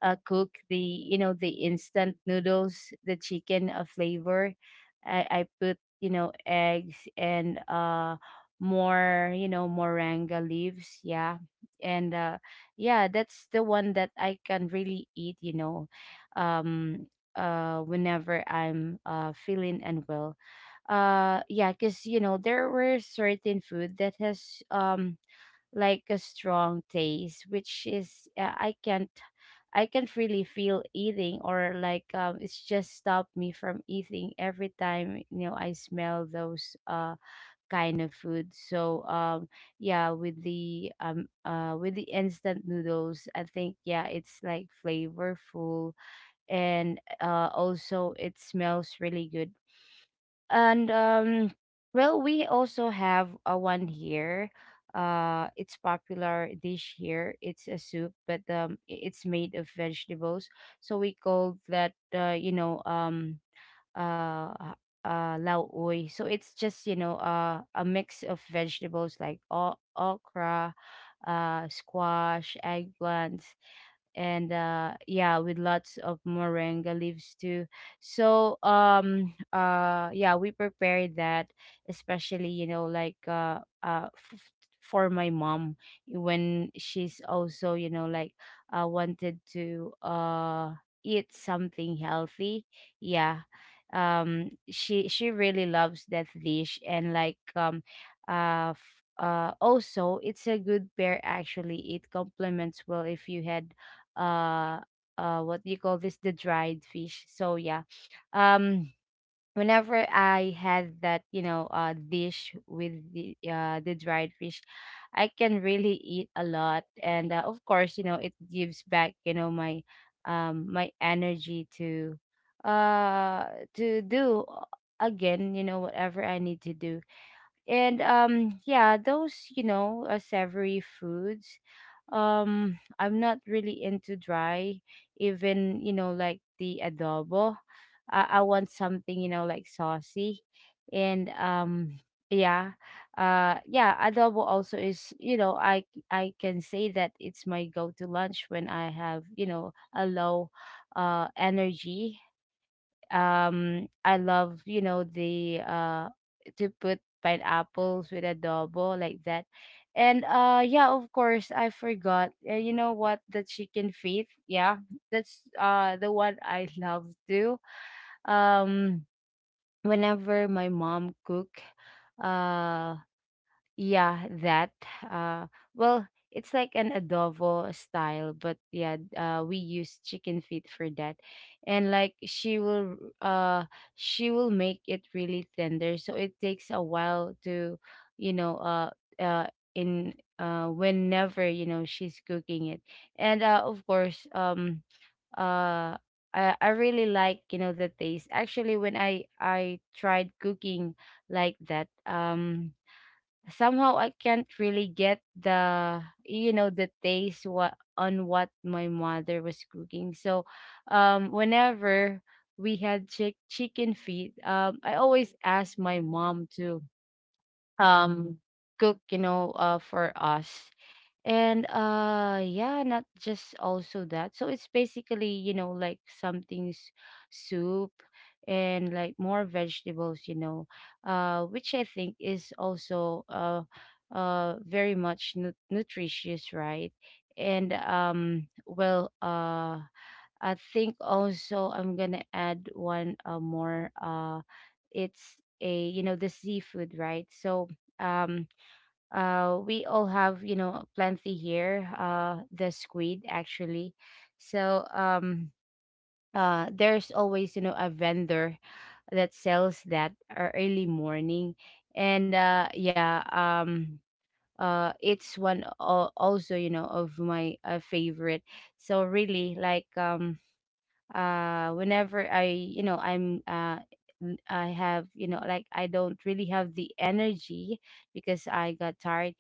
S2: uh cook the, you know, the instant noodles, the chicken uh, flavor. I i put, you know, eggs and uh more, you know, moringa leaves, yeah. And uh yeah, that's the one that I can really eat, you know, um uh whenever I'm uh feeling unwell. Uh yeah, because you know, there were certain food that has um like a strong taste, which is, uh, i can't I can't really feel eating, or like, um it's just stopped me from eating every time, you know, I smell those uh kind of food. So um yeah, with the um uh with the instant noodles, I think yeah, it's like flavorful, and uh also it smells really good. And um, well, we also have a one here. Uh, it's popular dish here. It's a soup, but um, i- it's made of vegetables. So we call that, uh, you know, um uh h- uh lao oi. So it's just, you know, uh a mix of vegetables like o- okra, uh squash, eggplant, and uh yeah, with lots of moringa leaves too. So um uh yeah, we prepared that, especially, you know, like uh uh f- for my mom, when she's also, you know, like, uh wanted to uh eat something healthy, yeah. Um she she really loves that dish. And like, um uh f- uh also it's a good pair, actually, it complements well if you had uh uh what do you call this, the dried fish. So yeah, um whenever I had that, you know, uh dish with the uh the dried fish, I can really eat a lot. And uh, of course, you know, it gives back, you know, my um my energy to uh to do uh, again, you know, whatever I need to do. And um yeah, those, you know, uh, savory foods. um I'm not really into dry, even, you know, like the adobo. i, I want something, you know, like saucy. And um yeah, uh yeah, adobo also is, you know, i I can say that it's my go-to lunch when I have, you know, a low uh energy. Um, I love, you know, the uh to put pineapples with adobo, like that. And uh yeah, of course, I forgot. Uh, you know what? The chicken feet. Yeah, that's uh the one I love too. Um, whenever my mom cook, uh yeah, that. Uh, well, it's like an adobo style, but yeah, uh, we use chicken feet for that, and like, she will, uh, she will make it really tender, so it takes a while to, you know, uh, uh, in uh, whenever, you know, she's cooking it. And uh, of course, um, uh. I, I really like you know the taste actually when i i tried cooking like that um somehow I can't really get the you know the taste what on what my mother was cooking. So um whenever we had chick chicken feet, um I always asked my mom to um cook, you know, uh for us. And uh yeah, not just also that. So it's basically, you know, like something's soup and like more vegetables, you know, uh which I think is also uh uh very much nu- nutritious, right? And um well, uh I think also I'm going to add one uh, more uh it's a you know the seafood, right? So um uh we all have you know plenty here uh the squid actually. So um uh there's always you know a vendor that sells that ear- early morning. And uh yeah um uh it's one al- also you know of my uh, favorite. So really like um uh whenever i you know i'm uh n- I have, you know, like I don't really have the energy because I got tired,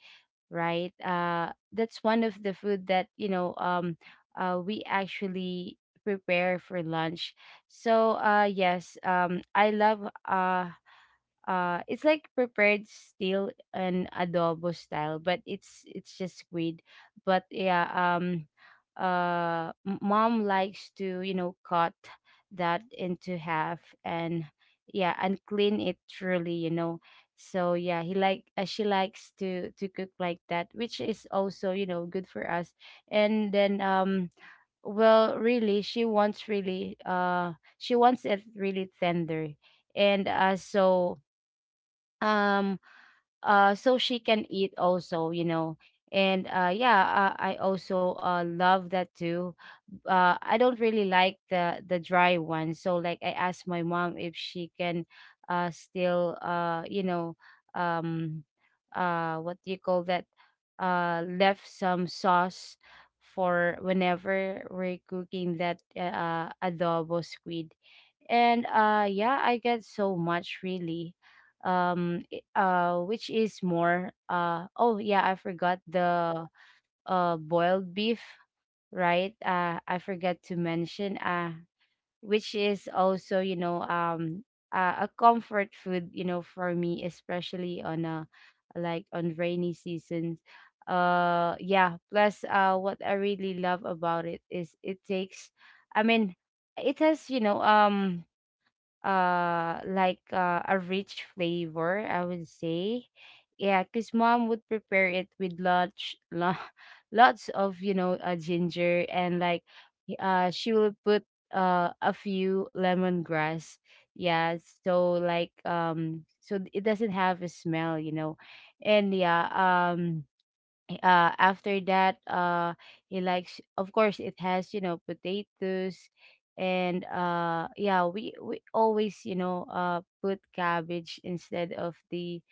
S2: right? Uh, that's one of the food that you know um, uh, we actually prepare for lunch. So uh, yes, um, I love uh, uh it's like prepared still an adobo style, but it's it's just squid. But yeah, um uh m- mom likes to, you know, cut that into half and, yeah, and clean it truly, you know. So yeah, he like uh, she likes to to cook like that, which is also, you know, good for us. And then um well, really she wants, really uh she wants it really tender. And uh so um uh so she can eat also, you know. And uh yeah, uh, I also uh love that too. uh I don't really like the the dry one, so like I asked my mom if she can uh still uh you know, um uh what do you call that, uh left some sauce for whenever we're cooking that uh adobo squid. And uh yeah, I get so much really. um i- uh which is more uh oh yeah, I forgot the uh boiled beef, right. uh I forgot to mention uh which is also, you know, um uh, a comfort food, you know, for me, especially on a like on rainy seasons. Uh yeah, plus uh what I really love about it is it takes, i mean it has, you know, um uh like uh, a rich flavor, I would say. Yeah, because mom would prepare it with lots lo- lots of, you know, uh, ginger and like uh she will put uh a few lemongrass, yeah. So like um so it doesn't have a smell, you know. And yeah, um uh after that uh he likes, of course, it has, you know, potatoes. And uh yeah, we we always, you know, uh put cabbage instead of the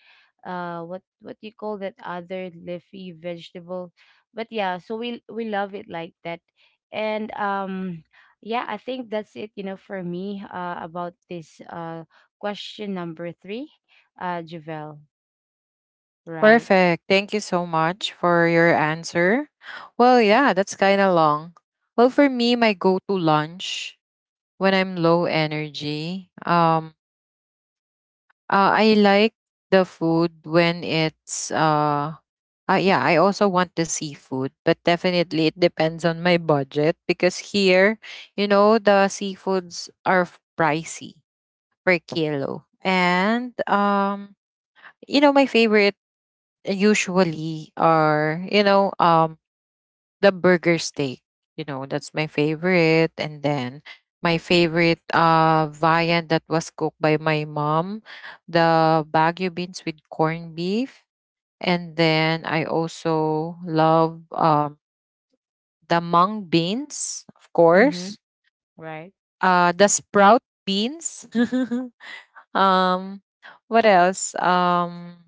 S2: uh what what do you call that other leafy vegetable. But yeah, so we we love it like that. And um yeah, I think that's it, you know, for me uh about this uh question number three, uh Javel, right.
S1: Perfect. Thank you so much for your answer. Well, yeah, that's kind of long. Well, for me, my go to lunch when I'm low energy. Um, uh, I like the food when it's uh, uh yeah. I also want the seafood, but definitely it depends on my budget because here, you know, the seafoods are f- pricey per kilo, and um, you know, my favorite usually are you know um the burger steak. You know, that's my favorite. And then my favorite uh viand that was cooked by my mom, the bagu beans with corned beef. And then I also love um the mung beans, of
S2: Mm-hmm.
S1: course.
S2: Right.
S1: Uh the sprout beans. um what else? Um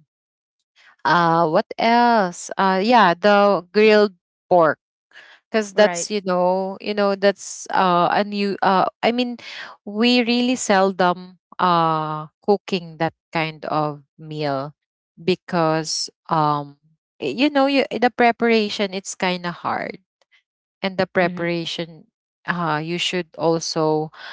S1: uh what else? Uh yeah, the grilled pork, because
S2: Right.
S1: that's you know you know that's uh a new, uh I mean, we really seldom uh cooking that kind of meal because um y- you know you the preparation, it's kind of hard. And the
S2: Mm-hmm.
S1: preparation, uh you should also,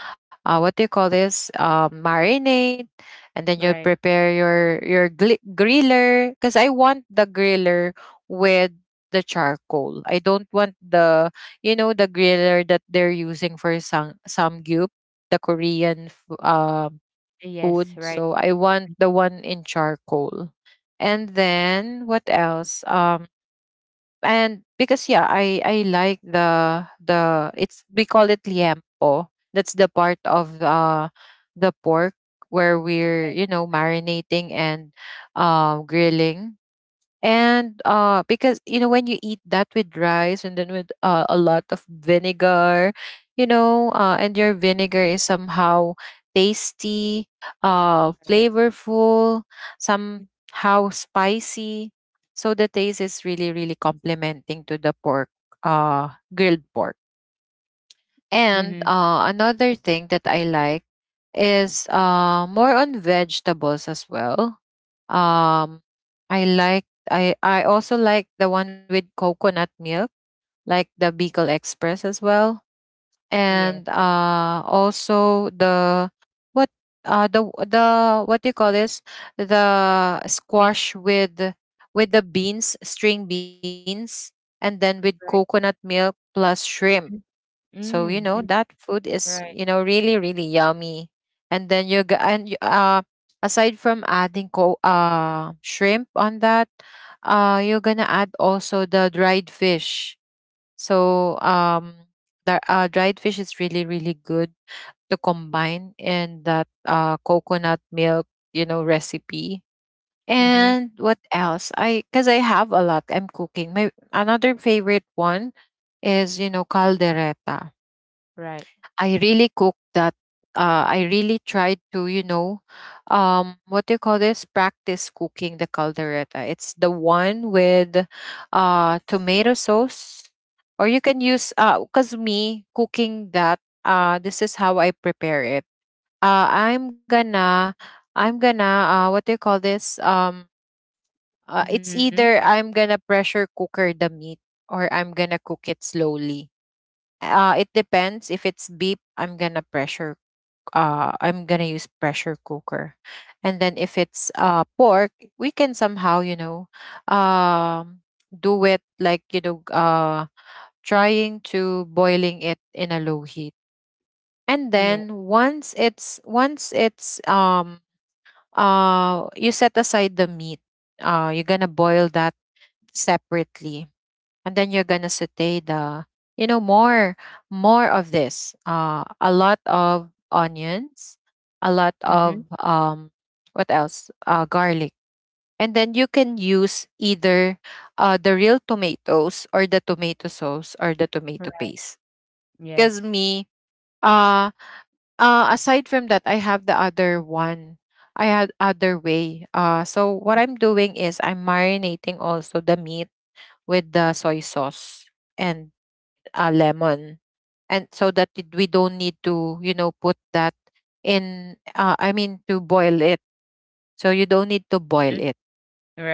S1: uh, what do you call this? Um, marinade, and then you
S2: Right.
S1: prepare your your gli- griller. Because I want the griller with the charcoal. I don't want the, you know, the griller that they're using for sam samgyup, the Korean, f- uh,
S2: Yes,
S1: food.
S2: right.
S1: So I want the one in charcoal. And then what else? Um and because yeah i i like the the it's we call it liempo. That's the part of uh the pork where we're, you know, marinating and, uh, grilling. And uh because you know when you eat that with rice and then with, uh, a lot of vinegar, you know, uh and your vinegar is somehow tasty, uh flavorful, somehow spicy. So the taste is really really complementing to the pork, uh grilled pork. And
S2: Mm-hmm.
S1: uh another thing that I like is uh more on vegetables as well. um, I like I I also like the one with coconut milk, like the Beagle Express as well.
S2: Yes,
S1: And uh also the what uh the the what do you call this, the squash with with the beans, string beans, and then with coconut
S2: right.
S1: milk plus shrimp.
S2: Mhm.
S1: So you know,
S2: Mm,
S1: that
S2: mm,
S1: food is, you
S2: right.
S1: know, really really yummy. And then you g- and you- uh aside from adding co- uh shrimp on that, uh you're gonna add also the dried fish. So um the uh, dried fish is really really good to combine in that, uh, coconut milk, you know, recipe.
S2: Mm-hmm.
S1: And what else? I because I have a lot. I'm cooking. My another favorite one is, you know, caldereta.
S2: Right.
S1: I really cook that. Uh, I really tried to, you know, um, what do you call this? Practice cooking the caldereta. It's the one with, uh, tomato sauce, or you can use, uh, cause me cooking that. Uh, this is how I prepare it. Uh, I'm gonna, I'm gonna, uh, what do you call this? Um, uh,
S2: Mm-hmm.
S1: it's either I'm gonna pressure cooker the meat, or I'm gonna cook it slowly. Uh, it depends. If it's beef, I'm gonna pressure uh, I'm gonna use pressure cooker. And then if it's, uh, pork, we can somehow, you know, um, do it like, you know, uh, trying to boiling it in a low heat. And
S2: Yeah.
S1: then once it's once it's um uh you set aside the meat, uh you're gonna boil that separately. And then you're gonna saute the, you know, more more of this, uh a lot of onions, a lot
S2: Mm-hmm.
S1: of um what else, uh garlic. And then you can use either uh the real tomatoes, or the tomato sauce, or the tomato
S2: Right.
S1: paste.
S2: Yes.
S1: Because me, uh uh aside from that, I have the other one, I had other way. uh so what I'm doing is I'm marinating also the meat with the soy sauce and, uh, lemon. And so that it- we don't need to, you know, put that in, uh, I mean to boil it. So you don't need to boil
S2: Mm,
S1: it.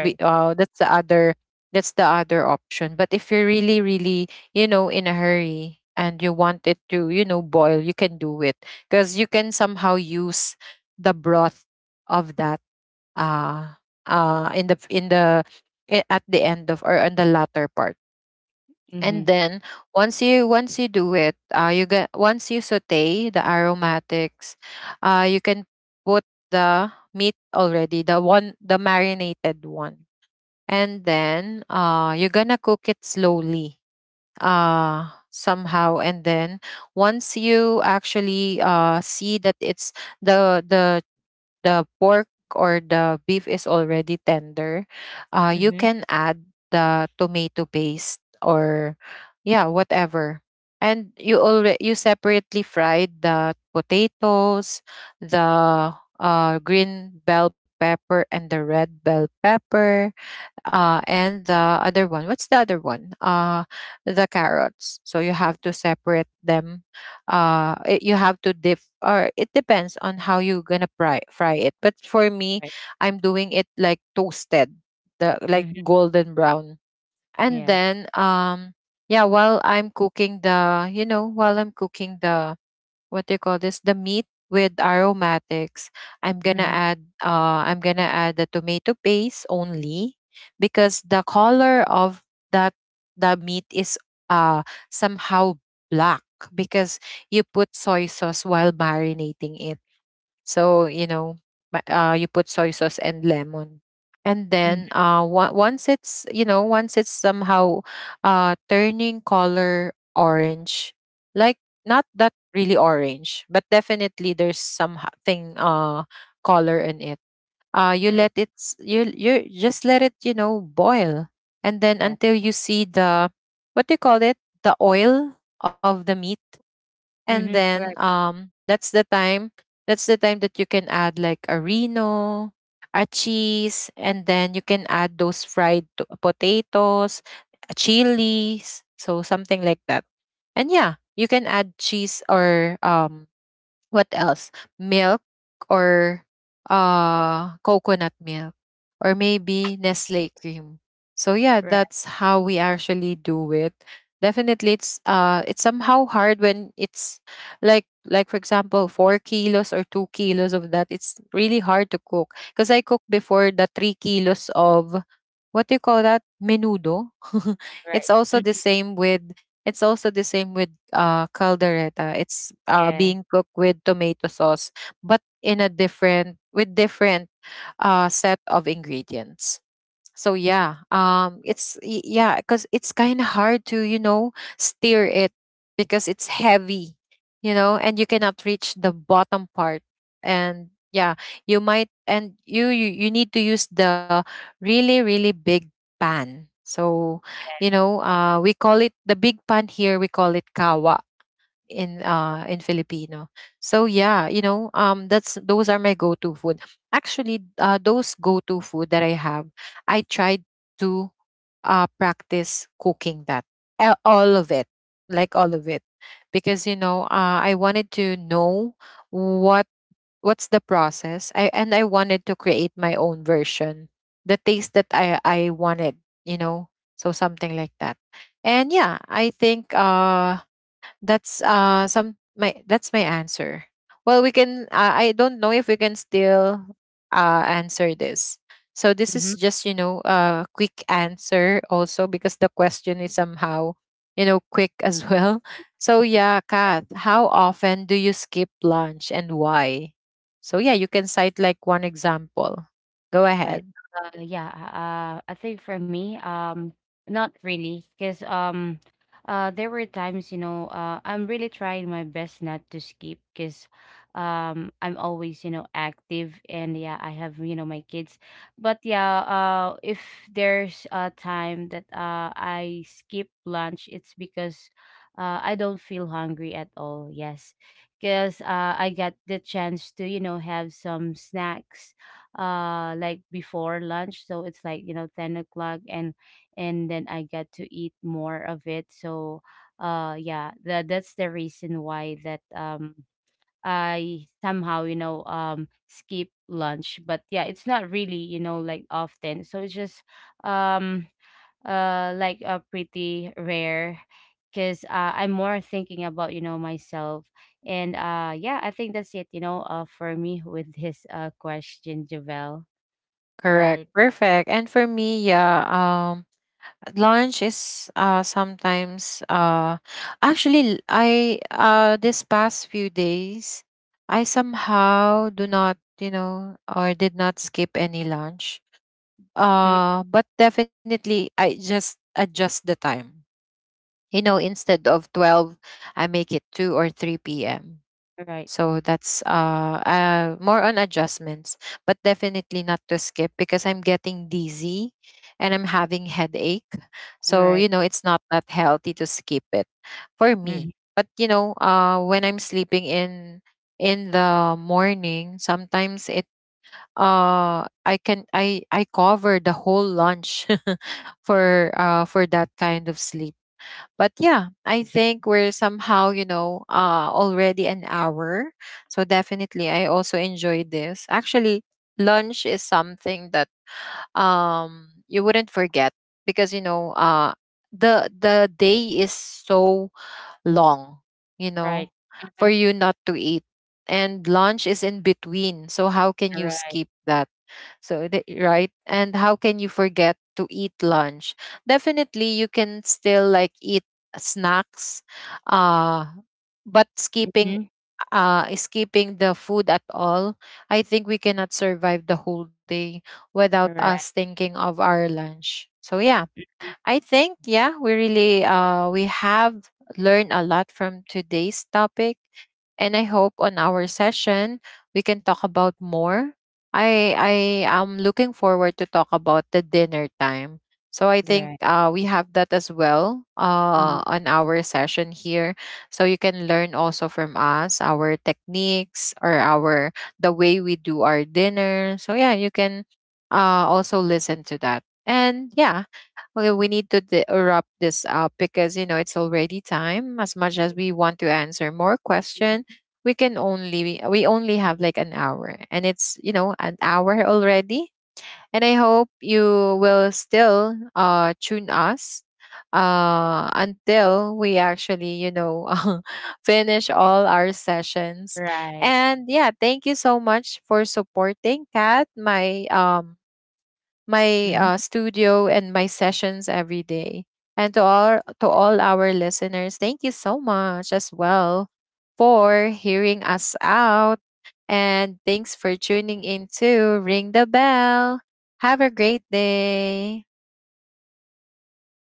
S1: We, uh, that's the other that's the other option. But if you're really really, you know, in a hurry and you want it to, you know, boil, you can do it because you can somehow use the broth of that, uh uh in the in the i- at the end of or on the latter part. And
S2: Mm-hmm.
S1: then once you once you do it, uh, you get once you saute the aromatics, uh, you can put the meat already, the one, the marinated one. And then uh, you're gonna cook it slowly uh somehow. And then once you actually uh see that it's the the the pork or the beef is already tender, uh, you
S2: Mm-hmm.
S1: can add the tomato paste or yeah, whatever. And you already you separately fried the potatoes, the, uh, green bell pepper and the red bell pepper, uh, and the other one. What's the other one? Uh, the carrots. So you have to separate them. Uh, it, you have to dip, or it depends on how you're gonna fry fry it. But for me,
S2: Right.
S1: I'm doing it like toasted, the like
S2: Mm-hmm.
S1: golden brown. And
S2: Yes.
S1: then um, yeah, while I'm cooking the, you know, while I'm cooking the, what do you call this, the meat with aromatics, i'm gonna
S2: Mm-hmm.
S1: add uh I'm gonna add the tomato paste only because the color of that, the meat is uh somehow black, because you put soy sauce while marinating it. So, you know, ma- uh, you put soy sauce and lemon. And then
S2: Mm-hmm.
S1: uh, wa- once it's, you know, once it's somehow, uh, turning color orange, like not that really orange, but definitely there's something, uh, color in it. uh, you let
S2: Right.
S1: it s- you you just let it, you know, boil. And then
S2: Yeah.
S1: until you see the what do you call it, the oil of the meat. And
S2: Mm-hmm.
S1: then
S2: Right.
S1: um that's the time, that's the time that you can add, like, a reno, a cheese. And then you can add those fried to- potatoes, uh, chilies, so something like that. And yeah, you can add cheese, or um what else? Milk, or uh coconut milk, or maybe Nestle cream. So yeah,
S2: Right.
S1: that's how we actually do it. Definitely it's uh it's somehow hard when it's like like for example four kilos or two kilos of that. It's really hard to cook because I cooked before the three kilos of what do you call that menudo it's
S2: Right.
S1: also the
S2: Mm-hmm.
S1: same with it's also the same with uh caldereta. It's uh
S2: Yeah.
S1: being cooked with tomato sauce but in a different with different uh set of ingredients. So yeah um it's y- yeah because it's kind of hard to, you know, steer it because it's heavy, you know, and you cannot reach the bottom part. And yeah, you might, and you you, you need to use the really really big pan. So, you know, uh we call it the big pan here, we call it kawa in uh in Filipino. So yeah, you know, um that's those are my go-to food. Actually, uh those go-to food that I have, I tried to uh practice cooking that. a- All of it. Like all of it. Because, you know, uh I wanted to know what what's the process. I and I wanted to create my own version. The taste that I I wanted, you know. So something like that. And yeah, I think uh that's uh some my that's my answer. Well, we can uh, I don't know if we can still uh answer this. So this is
S2: Mm-hmm.
S1: just, you know, a quick answer also because the question is somehow, you know, quick as well. So yeah, Kat, how often do you skip lunch and why? So yeah, you can cite like one example. Go
S2: Right.
S1: ahead.
S2: Uh, yeah. Uh, I think for me, um, not really, because um, uh, there were times, you know, uh, I'm really trying my best not to skip, because um, I'm always, you know, active, and yeah, I have, you know, my kids. But yeah, uh, if there's a time that uh I skip lunch, it's because uh I don't feel hungry at all. Yes, because uh I got the chance to, you know, have some snacks uh like before lunch, so it's like, you know, ten o'clock, and and then I get to eat more of it. So uh yeah, that that's the reason why that um I somehow, you know, um skip lunch. But yeah, it's not really, you know, like often, so it's just um uh like a uh, pretty rare, because uh, I'm more thinking about, you know, myself. And uh yeah, I think that's it, you know, uh for me with this uh question, Javel.
S1: Correct.
S2: Right.
S1: Perfect. And for me, yeah, um lunch is uh sometimes uh actually I uh this past few days I somehow do not, you know, or did not skip any lunch.
S2: Mhm.
S1: Uh but definitely I just adjust the time. You know, instead of twelve, I make it two or three p m.
S2: Right.
S1: So that's uh, uh more on adjustments, but definitely not to skip because I'm getting dizzy and I'm having headache. So, you
S2: Right.
S1: know, it's not that healthy to skip it for me.
S2: Mhm.
S1: But, you know, uh, when I'm sleeping in in the morning, sometimes it uh I can I I cover the whole lunch for uh for that kind of sleep. But yeah, I think we're somehow, you know, uh, already an hour. So definitely, I also enjoyed this. Actually, lunch is something that um you wouldn't forget because, you know, uh the the day is so long, you know,
S2: Right.
S1: for
S2: Mhm.
S1: you not to eat, and lunch is in between. So how can you
S2: Right.
S1: skip that? So, the, right? And how can you forget to eat lunch? Definitely, you can still like eat snacks, uh, but skipping
S2: Mhm.
S1: uh skipping the food at all, I think we cannot survive the whole day without
S2: Right.
S1: us thinking of our lunch. So yeah, I think, yeah, we really uh we have learned a lot from today's topic, and I hope on our session we can talk about more. I I am looking forward to talk about the dinner time. So I
S2: Right.
S1: think uh, we have that as well
S2: Mhm.
S1: uh, on our session here. So you can learn also from us our techniques or our the way we do our dinner. So yeah, you can uh, also listen to that. And yeah, okay, we need to d- wrap this up because, you know, it's already time. As much as we want to answer more question,
S2: Mhm.
S1: we can only we only have like an hour, and it's, you know, an hour already. And I hope you will still uh tune us uh until we actually, you know, finish all our sessions.
S2: Right.
S1: And yeah, thank you so much for supporting Kat, my um my
S2: Mhm.
S1: uh, studio and my sessions every day. And to all to all our listeners, thank you so much as well for hearing us out. And thanks for tuning in to Ring the Bell. Have a great day.